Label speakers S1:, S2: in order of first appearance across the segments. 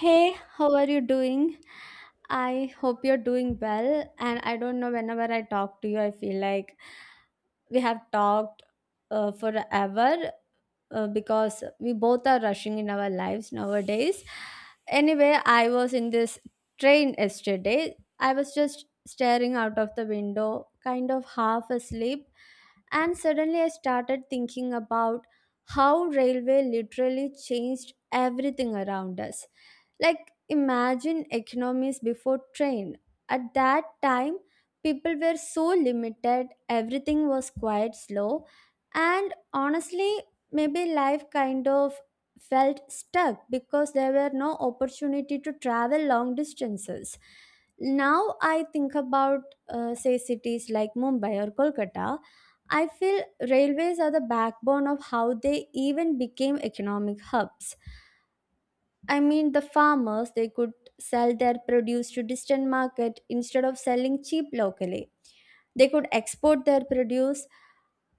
S1: Hey, how are you doing? I hope you're doing well. And I don't know, whenever I talk to you, I feel like we have talked forever because we both are rushing in our lives nowadays. Anyway, I was in this train yesterday. I was just staring out of the window, kind of half asleep. And suddenly I started thinking about how railway literally changed everything around us. Like, imagine economies before train. At that time, people were so limited, everything was quite slow, and honestly, maybe life kind of felt stuck because there were no opportunity to travel long distances. Now I think about, say, cities like Mumbai or Kolkata. I feel railways are the backbone of how they even became economic hubs. I mean, the farmers, they could sell their produce to distant market instead of selling cheap locally. They could export their produce,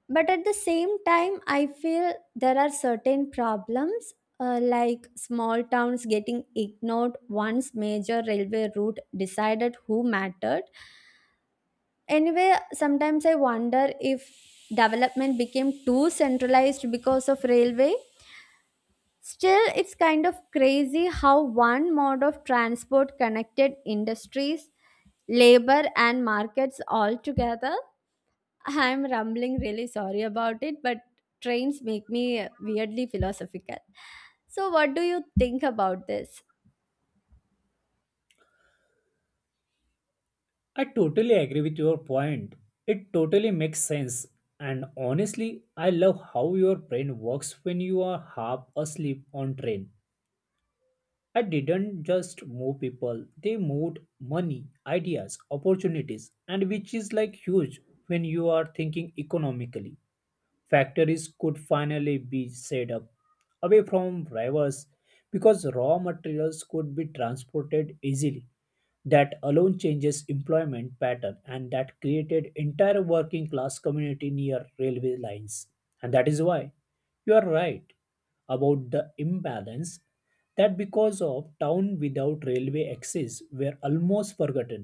S1: but at the same time, I feel there are certain problems, like small towns getting ignored once major railway route decided who mattered. Anyway, sometimes I wonder if development became too centralized because of railway. Still, it's kind of crazy how one mode of transport connected industries, labor, and markets all together. I'm rumbling, really sorry about it, but trains make me weirdly philosophical. So, what do you think about this?
S2: I totally agree with your point. It totally makes sense. And honestly, I love how your brain works when you are half asleep on train. I didn't just move people, they moved money, ideas, opportunities, and which is like huge when you are thinking economically. Factories could finally be set up away from rivers because raw materials could be transported easily. That alone changes employment pattern and that created entire working class community near railway lines, and that is why you are right about the imbalance, that because of town without railway access were almost forgotten.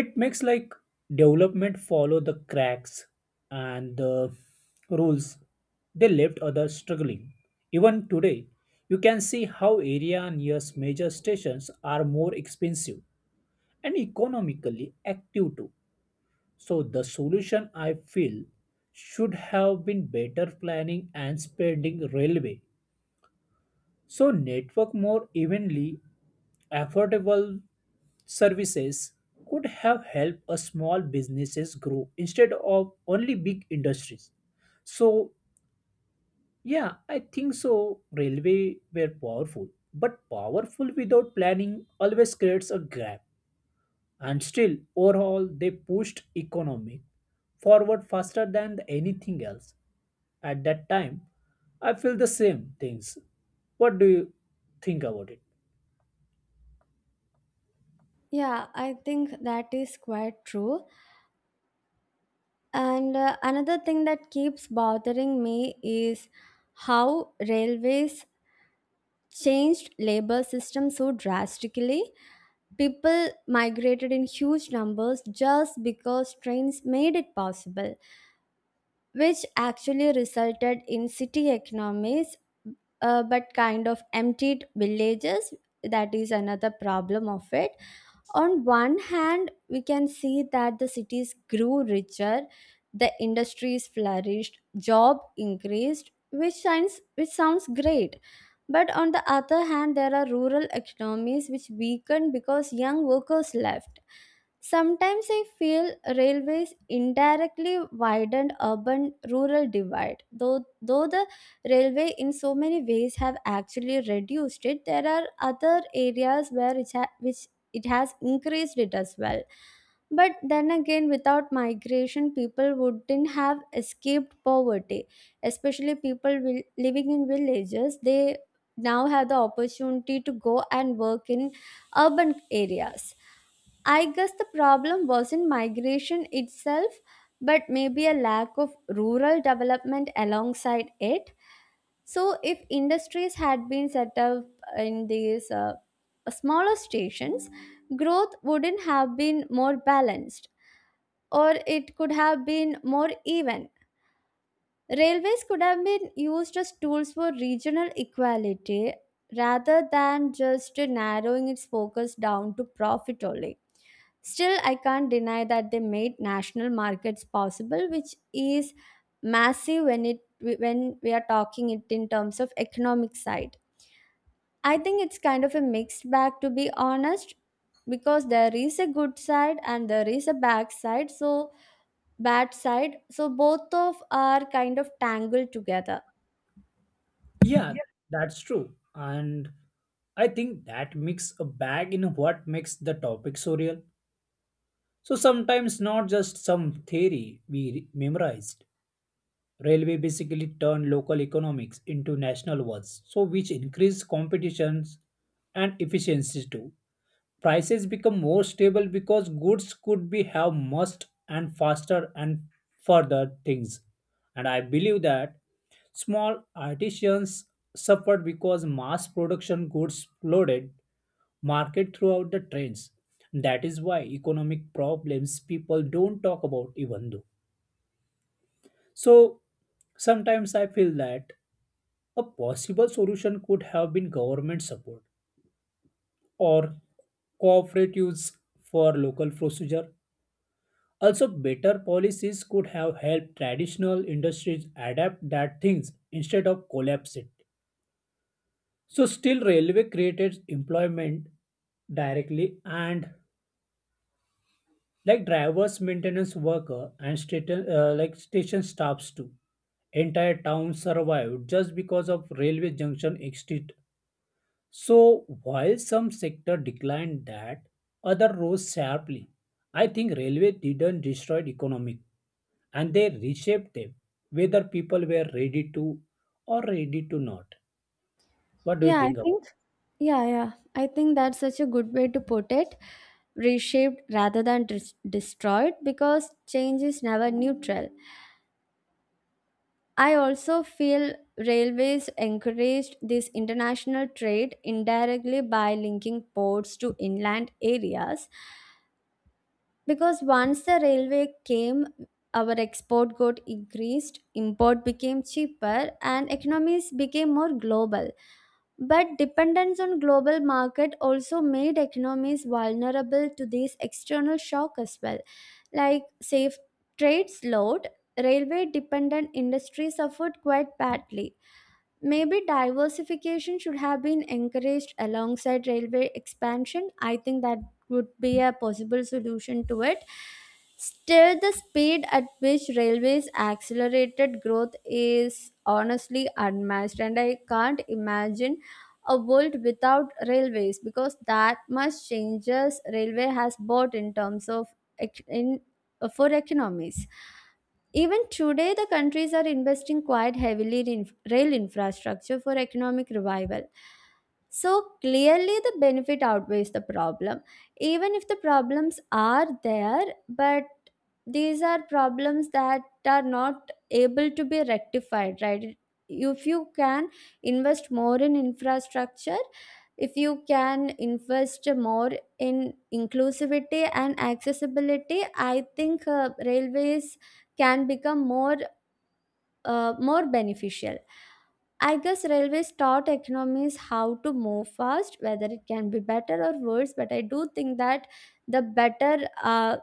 S2: It makes like development follow the cracks and the rules, they left others struggling. Even today you can see how area near major stations are more expensive and economically active too. So, the solution I feel should have been better planning and spending railway. So, network more evenly, affordable services could have helped a small businesses grow instead of only big industries. So, yeah, I think so. Railway were powerful, but powerful without planning always creates a gap. And still, overall, they pushed economy forward faster than anything else. At that time, I feel the same things. What do you think about it?
S1: Yeah, I think that is quite true. And another thing that keeps bothering me is how railways changed labor system so drastically. People migrated in huge numbers just because trains made it possible, which actually resulted in city economies, but kind of emptied villages. That is another problem of it. On one hand, we can see that the cities grew richer, the industries flourished, job increased, which sounds great. But on the other hand, there are rural economies which weakened because young workers left. Sometimes I feel railways indirectly widened urban rural divide. Though the railway in so many ways have actually reduced it, there are other areas where which it has increased it as well. But then again, without migration, people wouldn't have escaped poverty. Especially people will, living in villages, they now have the opportunity to go and work in urban areas. I guess the problem wasn't migration itself, but maybe a lack of rural development alongside it. So, if industries had been set up in these, smaller stations, growth wouldn't have been more balanced, or it could have been more even. Railways could have been used as tools for regional equality rather than just narrowing its focus down to profit only. Still, I can't deny that they made national markets possible, which is massive when it when we are talking it in terms of economic side. I think it's kind of a mixed bag to be honest, because there is a good side and there is a bad side, So both of are kind of tangled together.
S2: Yeah, that's true. And I think that makes a bag in what makes the topic so real. So sometimes not just some theory we memorized. Railway basically turned local economics into national ones, so which increased competitions and efficiencies too. Prices become more stable because goods could be have must and faster and further things, and I believe that small artisans suffered because mass production goods flooded market throughout the trends. That is why economic problems people don't talk about even though, so sometimes I feel that a possible solution could have been government support or cooperatives for local procedure. Also, better policies could have helped traditional industries adapt that things instead of collapse it. So still railway created employment directly and like drivers, maintenance worker and station like station staffs too. Entire towns survived just because of railway junction exit. So while some sector declined that, other rose sharply. I think railway didn't destroy economic and they reshaped them, whether people were ready to or ready to not. What do you
S1: Yeah, I
S2: think about
S1: think yeah, yeah. I think that's such a good way to put it. Reshaped rather than destroyed because change is never neutral. I also feel railways encouraged this international trade indirectly by linking ports to inland areas. Because once the railway came, our export got increased, import became cheaper, and economies became more global. But dependence on global market also made economies vulnerable to these external shock as well. Like, say, if trade slowed, railway dependent industry suffered quite badly. Maybe diversification should have been encouraged alongside railway expansion. I think that would be a possible solution to it. Still, the speed at which railways accelerated growth is honestly unmatched, and I can't imagine a world without railways because that much changes railway has brought in terms of ec- in for economies. Even today, the countries are investing quite heavily in rail infrastructure for economic revival. So clearly, the benefit outweighs the problem. Even if the problems are there, but these are problems that are not able to be rectified, right? If you can invest more in infrastructure, if you can invest more in inclusivity and accessibility, I think railways can become more beneficial. I guess railways taught economies how to move fast, whether it can be better or worse. But I do think that the better, uh,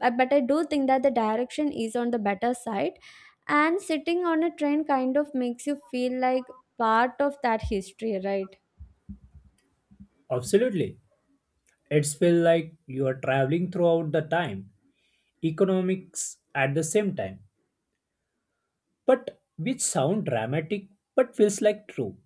S1: but I do think that the direction is on the better side. And sitting on a train kind of makes you feel like part of that history, right?
S2: it? Absolutely. It's feel like you are traveling throughout the time, economics at the same time. But which sound dramatic but feels like true.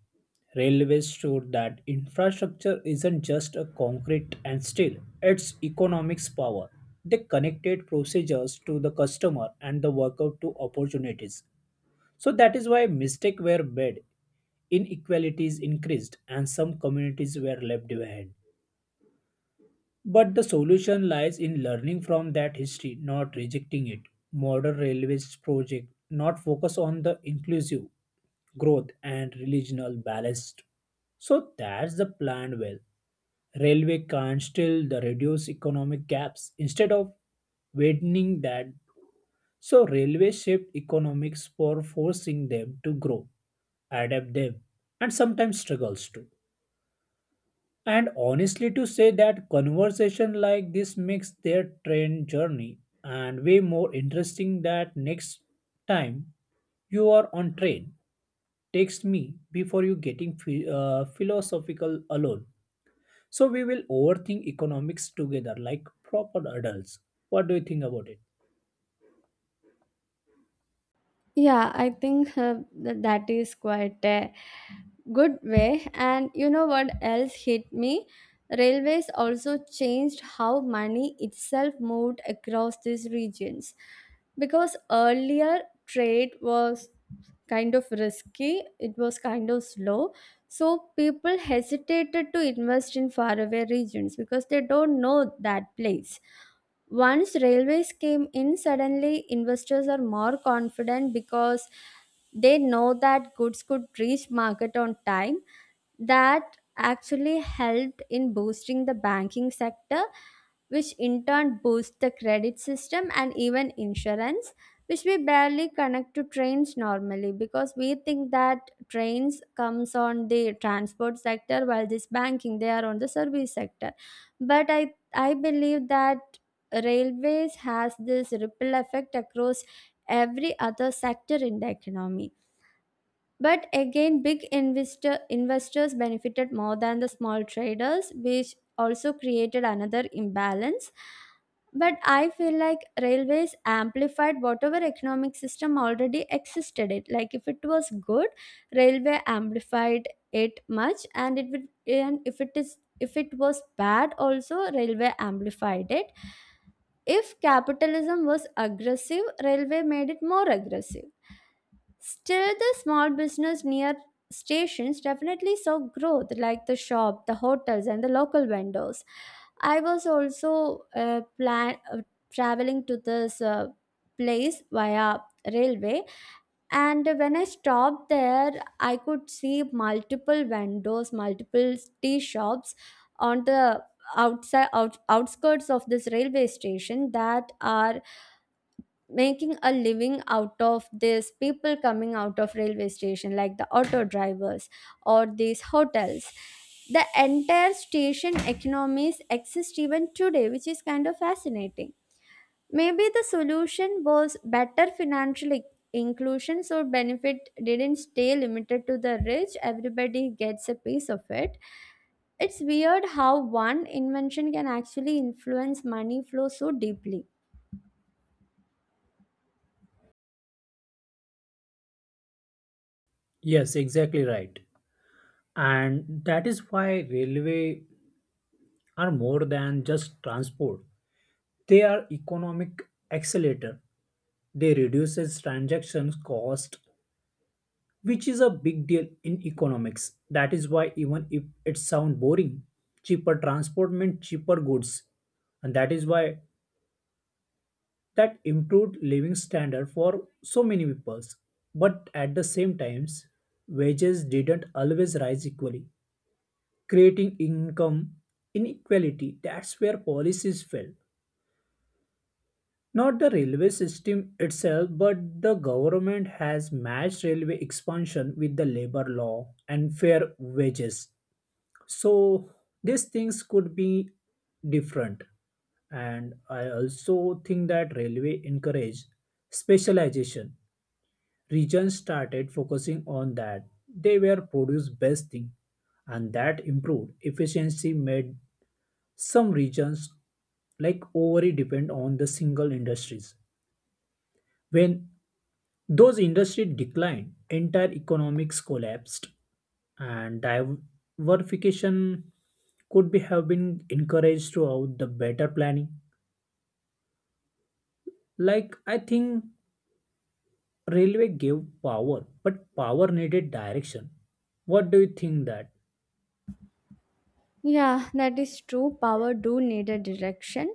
S2: Railways showed that infrastructure isn't just a concrete and steel, it's economics power. They connected procedures to the customer and the worker to opportunities. So that is why mistakes were made, inequalities increased, and some communities were left behind. But the solution lies in learning from that history, not rejecting it. Modern railways project not focus on the inclusive growth and regional balanced. So that's the plan well. Railway can still the reduce economic gaps instead of widening that. So railway shaped economics for forcing them to grow, adapt them, and sometimes struggles too. And honestly, to say that conversation like this makes their train journey and way more interesting that next time you are on train, text me before you getting philosophical alone. So we will overthink economics together like proper adults. What do you think about it?
S1: Yeah, I think that is quite a good way. And you know what else hit me? Railways also changed how money itself moved across these regions. Because earlier, trade was kind of risky, it was kind of slow. So people hesitated to invest in faraway regions because they don't know that place. Once railways came in, suddenly investors are more confident because they know that goods could reach market on time. That actually helped in boosting the banking sector, which in turn boosts the credit system and even insurance, which we barely connect to trains normally because we think that trains comes on the transport sector while this banking they are on the service sector. But I believe that railways has this ripple effect across every other sector in the economy. But again, big investors benefited more than the small traders, which also created another imbalance. But I feel like railways amplified whatever economic system already existed. It like if it was good, railway amplified it much, and if it was bad, also railway amplified it. If capitalism was aggressive, railway made it more aggressive. Still, the small business near stations definitely saw growth, like the shop, the hotels, and the local vendors. I was also plan traveling to this, place via railway, and when I stopped there, I could see multiple vendors, multiple tea shops on the outskirts of this railway station that are making a living out of this people coming out of railway station, like the auto drivers or these hotels. The entire station economies exist even today, which is kind of fascinating. Maybe the solution was better financial inclusion, so benefit didn't stay limited to the rich, everybody gets a piece of it. It's weird how one invention can actually influence money flow so deeply.
S2: Yes, exactly right. And that is why railway are more than just transport. They are economic accelerator, they reduces transaction cost, which is a big deal in economics. That is why even if it sound boring, cheaper transport meant cheaper goods, and that is why that improved living standard for so many people. But at the same times, wages didn't always rise equally, creating income inequality. That's where policies fail. Not the railway system itself, but the government has matched railway expansion with the labor law and fair wages. So these things could be different. And I also think that railway encouraged specialization. Regions started focusing on that. They were produce best thing, and that improved efficiency made some regions like overly depend on the single industries. When those industries declined, entire economics collapsed, and diversification could be have been encouraged throughout the better planning. Like I think railway gave power, but power needed direction. What do you think that?
S1: Yeah, that is true. Power do need a direction.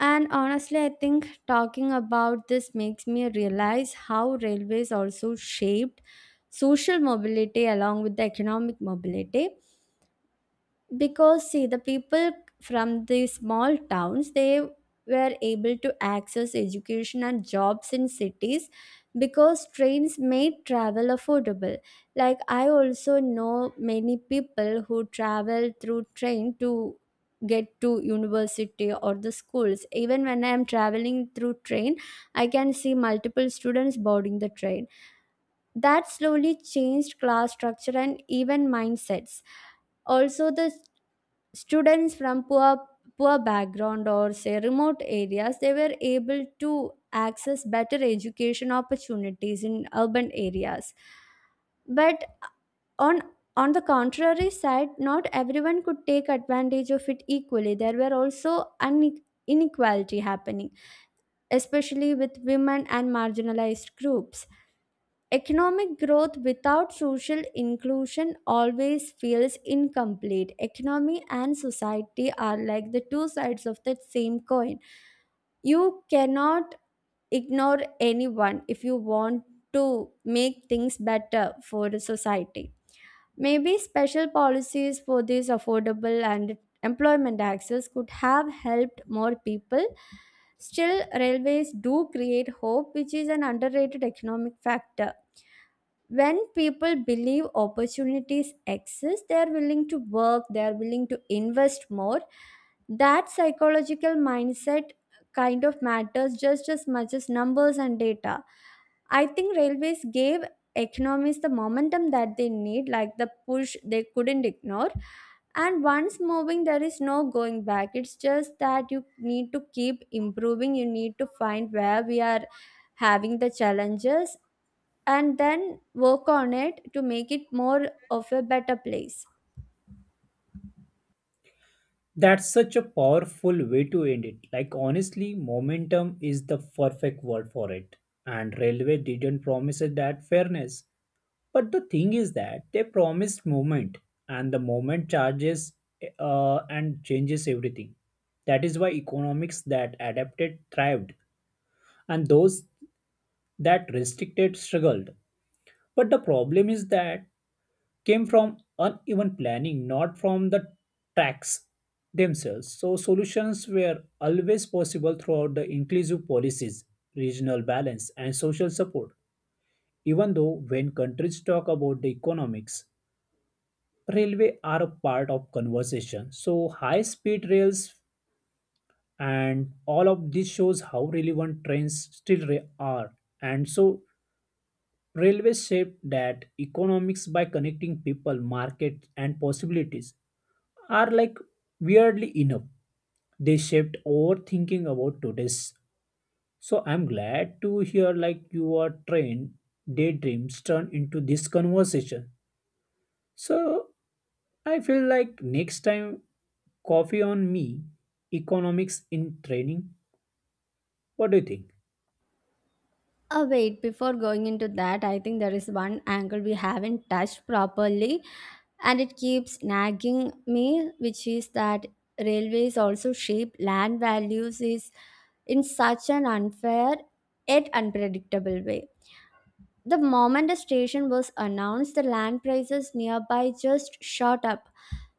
S1: And honestly, I think talking about this makes me realize how railways also shaped social mobility along with the economic mobility. Because, see, the people from the small towns, they were able to access education and jobs in cities because trains made travel affordable. Like, I also know many people who travel through train to get to university or the schools. Even when I am traveling through train, I can see multiple students boarding the train. That slowly changed class structure and even mindsets. Also, the students from poor background or say remote areas, they were able to access better education opportunities in urban areas. But on on the contrary side, not everyone could take advantage of it equally. There were also une- inequality happening, especially with women and marginalized groups. Economic growth without social inclusion always feels incomplete. Economy and society are like the two sides of that same coin. You cannot ignore anyone if you want to make things better for the society. Maybe special policies for this affordable and employment access could have helped more people. Still, railways do create hope, which is an underrated economic factor. When people believe opportunities exist, they're willing to work, they're willing to invest more. That psychological mindset kind of matters just as much as numbers and data. I think railways gave economies the momentum that they need, like the push they couldn't ignore. And once moving, there is no going back. It's just that you need to keep improving, you need to find where we are having the challenges and then work on it to make it more of a better place.
S2: That's such a powerful way to end it. Like honestly, momentum is the perfect word for it. And railway didn't promise us that fairness. But the thing is that they promised movement, and the movement charges and changes everything. That is why economics that adapted thrived, and those that restricted struggled. But the problem is that came from uneven planning, not from the tracks themselves. So solutions were always possible throughout the inclusive policies, regional balance, and social support. Even though when countries talk about the economics, railway are a part of conversation. So high speed rails and all of this shows how relevant trains still are. And so railways shape that economics by connecting people, markets, and possibilities are like weirdly enough they shaped our thinking about today's. So I'm glad to hear like your train daydreams turn into this conversation. So I feel like next time coffee on me economics in training. What do you think?
S1: Wait, before going into that, I think there is one angle we haven't touched properly and it keeps nagging me, which is that railways also shape land values is in such an unfair yet unpredictable way. The moment the station was announced, the land prices nearby just shot up.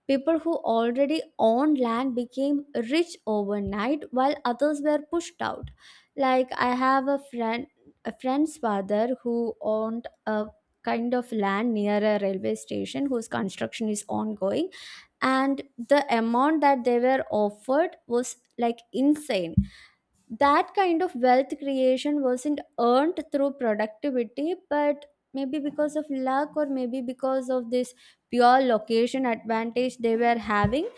S1: People who already owned land became rich overnight while others were pushed out. Like I have a friend's father who owned a kind of land near a railway station whose construction is ongoing, and the amount that they were offered was like insane. That kind of wealth creation wasn't earned through productivity, but maybe because of luck or maybe because of this pure location advantage they were having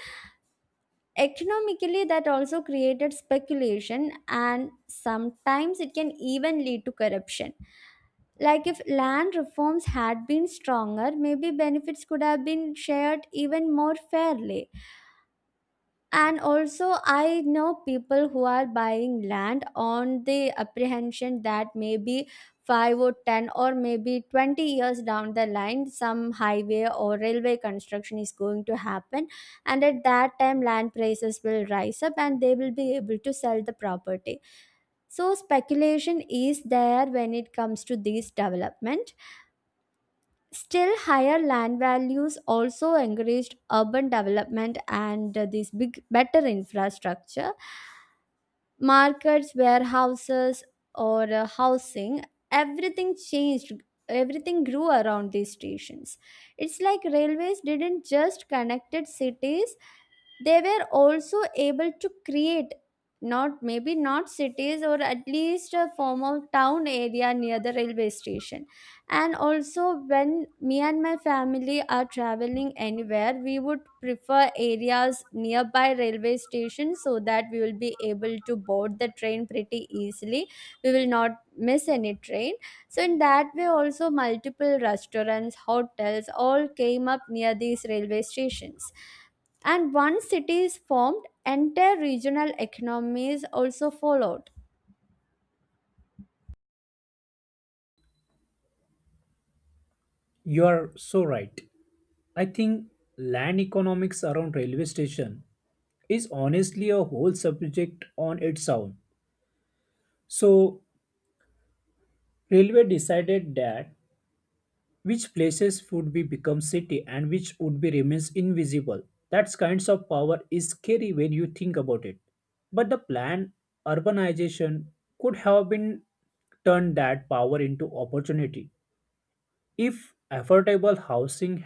S1: economically. That also created speculation, and sometimes it can even lead to corruption. Like, if land reforms had been stronger, maybe benefits could have been shared even more fairly. And also, I know people who are buying land on the apprehension that maybe 5 or 10 or maybe 20 years down the line, some highway or railway construction is going to happen, and at that time land prices will rise up and they will be able to sell the property. So speculation is there when it comes to these development. Still, higher land values also encouraged urban development and this big, better infrastructure, markets, warehouses, or housing. Everything changed. Everything grew around these stations. It's like railways didn't just connected cities; they were also able to create not, maybe not cities, or at least a form of town area near the railway station. And also, when me and my family are traveling anywhere, we would prefer areas nearby railway stations so that we will be able to board the train pretty easily. We will not miss any train. So in that way also, multiple restaurants, hotels all came up near these railway stations. And once cities formed, entire regional economies also followed.
S2: You are so right. I think land economics around railway station is honestly a whole subject on its own. So railway decided that which places would be become city and which would be remains invisible. That kinds of power is scary when you think about it, but the planned urbanization could have been turned that power into opportunity. If affordable housing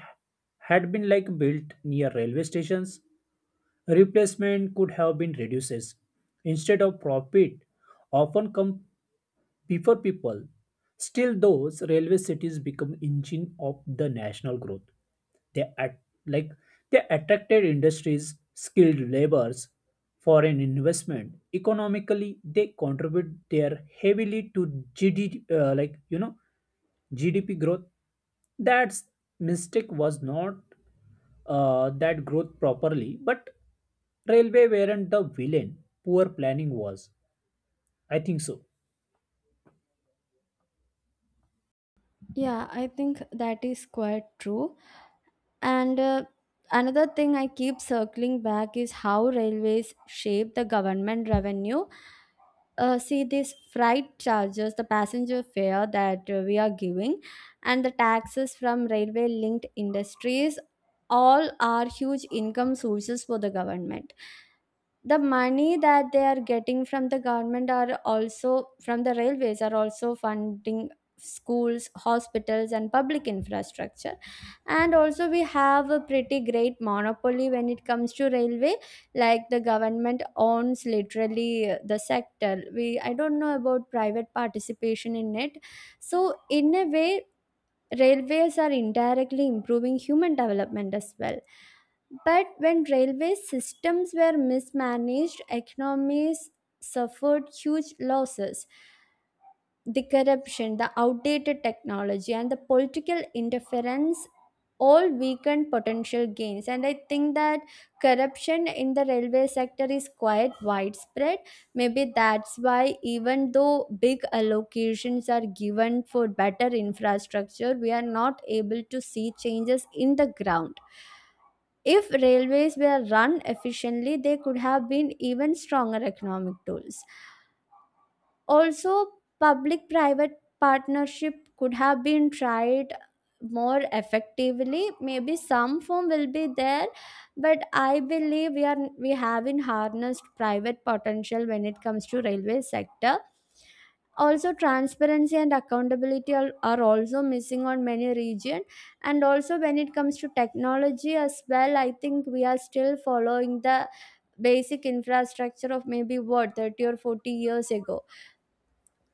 S2: had been like built near railway stations, replacement could have been reduces instead of profit often come before people. Still, those railway cities become engine of the national growth. They at, like they attracted industries, skilled laborers, foreign investment. Economically, they contribute their heavily to GDP, like you know GDP growth. That mistake was not that growth properly, but railway weren't the villain. Poor planning was. I think so.
S1: Yeah, I think that is quite true. And another thing I keep circling back is how railways shape the government revenue. See, these freight charges, the passenger fare that we are giving, and the taxes from railway linked industries, all are huge income sources for the government. The money that they are getting from the government are also from the railways are also funding schools, hospitals, and public infrastructure. And also, we have a pretty great monopoly when it comes to railway. Like, the government owns literally the sector. We i don't know about private participation in it. So in a way, railways are indirectly improving human development as well. But when railway systems were mismanaged, economies suffered huge losses. The corruption, the outdated technology, and the political interference all weaken potential gains. And I think that corruption in the railway sector is quite widespread. Maybe that's why, even though big allocations are given for better infrastructure, we are not able to see changes in the ground. If railways were run efficiently, they could have been even stronger economic tools. Also, public private partnership could have been tried more effectively. Maybe some form will be there, but I believe we haven't harnessed private potential when it comes to railway sector. Also, transparency and accountability are also missing on many region. And also, when it comes to technology as well, I think we are still following the basic infrastructure of maybe what 30 or 40 years ago.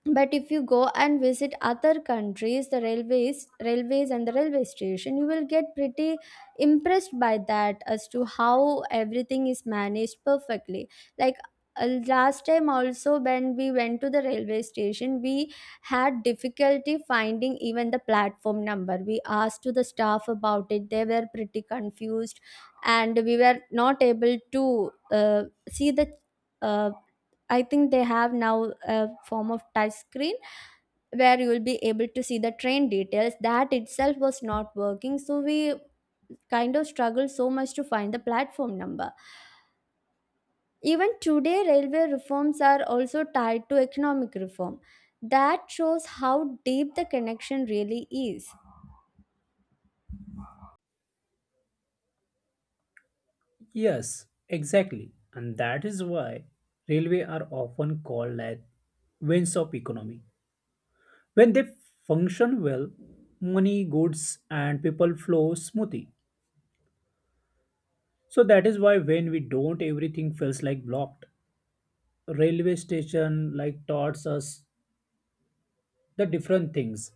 S1: But if you go and visit other countries, the railways, and the railway station, you will get pretty impressed by that as to how everything is managed perfectly. Like, last time also, when we went to the railway station, we had difficulty finding even the platform number. We asked to the staff about it, they were pretty confused, and we were not able to see the uh, I think they have now a form of touch screen where you will be able to see the train details. That itself was not working, so we kind of struggled so much to find the platform number. Even today, railway reforms are also tied to economic reform. That shows how deep the connection really is.
S2: Yes, exactly. And that is why railway are often called as veins of economy. When they function well, money, goods and people flow smoothly. So that is why when we don't everything feels like blocked. Railway station like taught us the different things,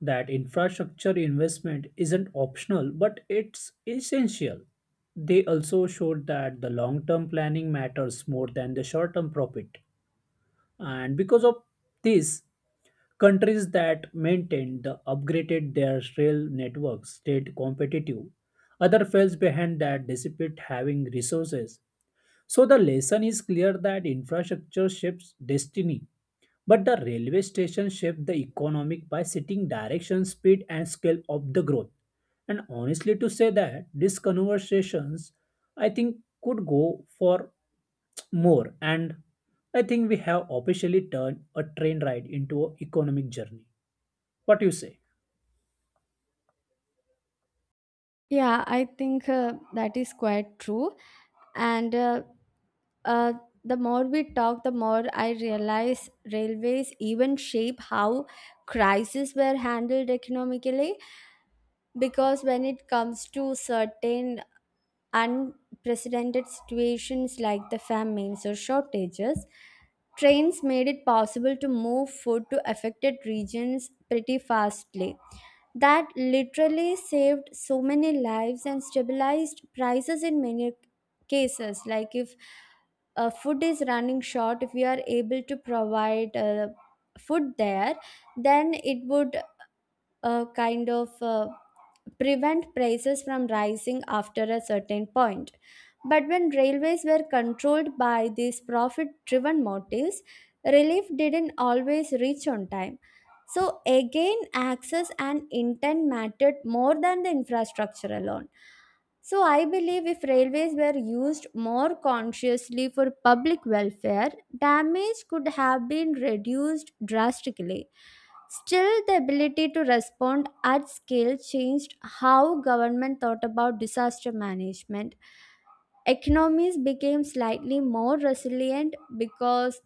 S2: that infrastructure investment isn't optional but it's essential. They also showed that the long-term planning matters more than the short-term profit. And because of this, countries that maintained the upgraded their rail networks stayed competitive, other fell behind that dissipate having resources. So the lesson is clear that infrastructure shapes destiny, but the railway station shape the economic by setting direction, speed and scale of the growth. And honestly to say that these conversations, I think, could go for more, and I think we have officially turned a train ride into an economic journey. What do you say?
S1: Yeah, I think that is quite true. And Uh, the more we talk, the more I realize railways even shape how crises were handled economically. Because when it comes to certain unprecedented situations like the famines or shortages, trains made it possible to move food to affected regions pretty fastly. That literally saved so many lives and stabilized prices in many cases. Like, if food is running short, if we are able to provide food there, then it would kind of prevent prices from rising after a certain point. But when railways were controlled by these profit driven motives, relief didn't always reach on time. So, again, access and intent mattered more than the infrastructure alone. So, I believe if railways were used more consciously for public welfare, damage could have been reduced drastically. Still, the ability to respond at scale changed how government thought about disaster management. Economies became slightly more resilient because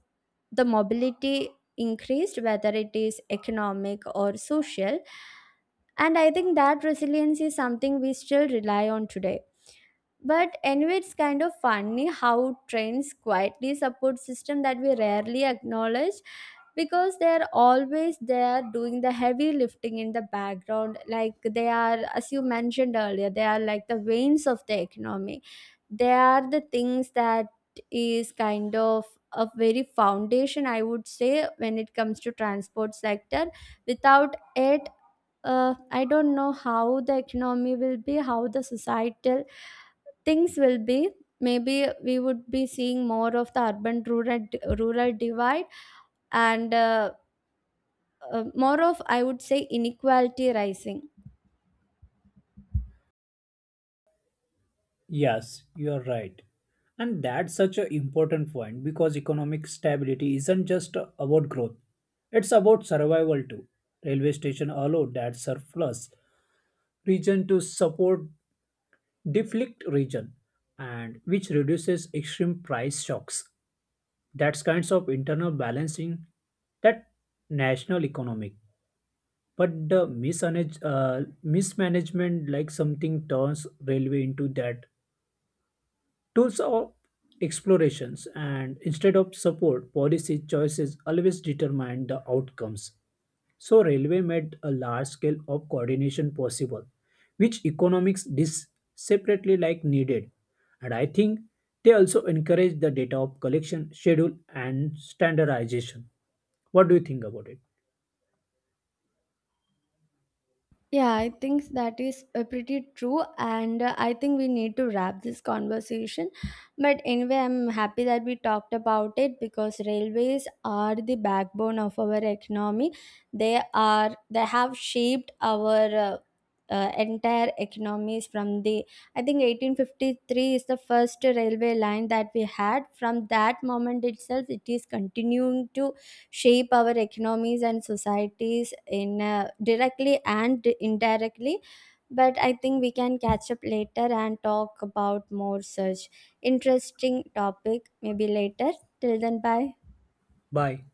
S1: the mobility increased, whether it is economic or social. And I think that resilience is something we still rely on today. But anyway, it's kind of funny how trends quietly support system that we rarely acknowledge, because they are always there doing the heavy lifting in the background. Like, they are, as you mentioned earlier, they are like the veins of the economy. They are the things that is kind of a very foundation, I would say, when it comes to transport sector. Without it, I don't know how the economy will be, how the societal things will be. Maybe we would be seeing more of the urban rural divide, and more of, I would say, inequality rising.
S2: Yes, you're right. And that's such an important point because economic stability isn't just about growth, it's about survival too. Railway station allow that surplus region to support deflict region, and which reduces extreme price shocks. That's kinds of internal balancing that national economic. But the mismanagement, like something turns railway into that tools of explorations, and instead of support, policy choices always determine the outcomes. So railway made a large scale of coordination possible, which economics separately like needed. And I think they also encourage the data of collection, schedule, and standardization. What do you think about it?
S1: Yeah, I think that is pretty true, and I think we need to wrap this conversation. But anyway, I'm happy that we talked about it, because railways are the backbone of our economy. They have shaped our entire economies from the, I think, 1853 is the first railway line that we had. From that moment itself, it is continuing to shape our economies and societies in directly and indirectly. But I think we can catch up later and talk about more such interesting topic maybe later. Till then, bye.
S2: Bye.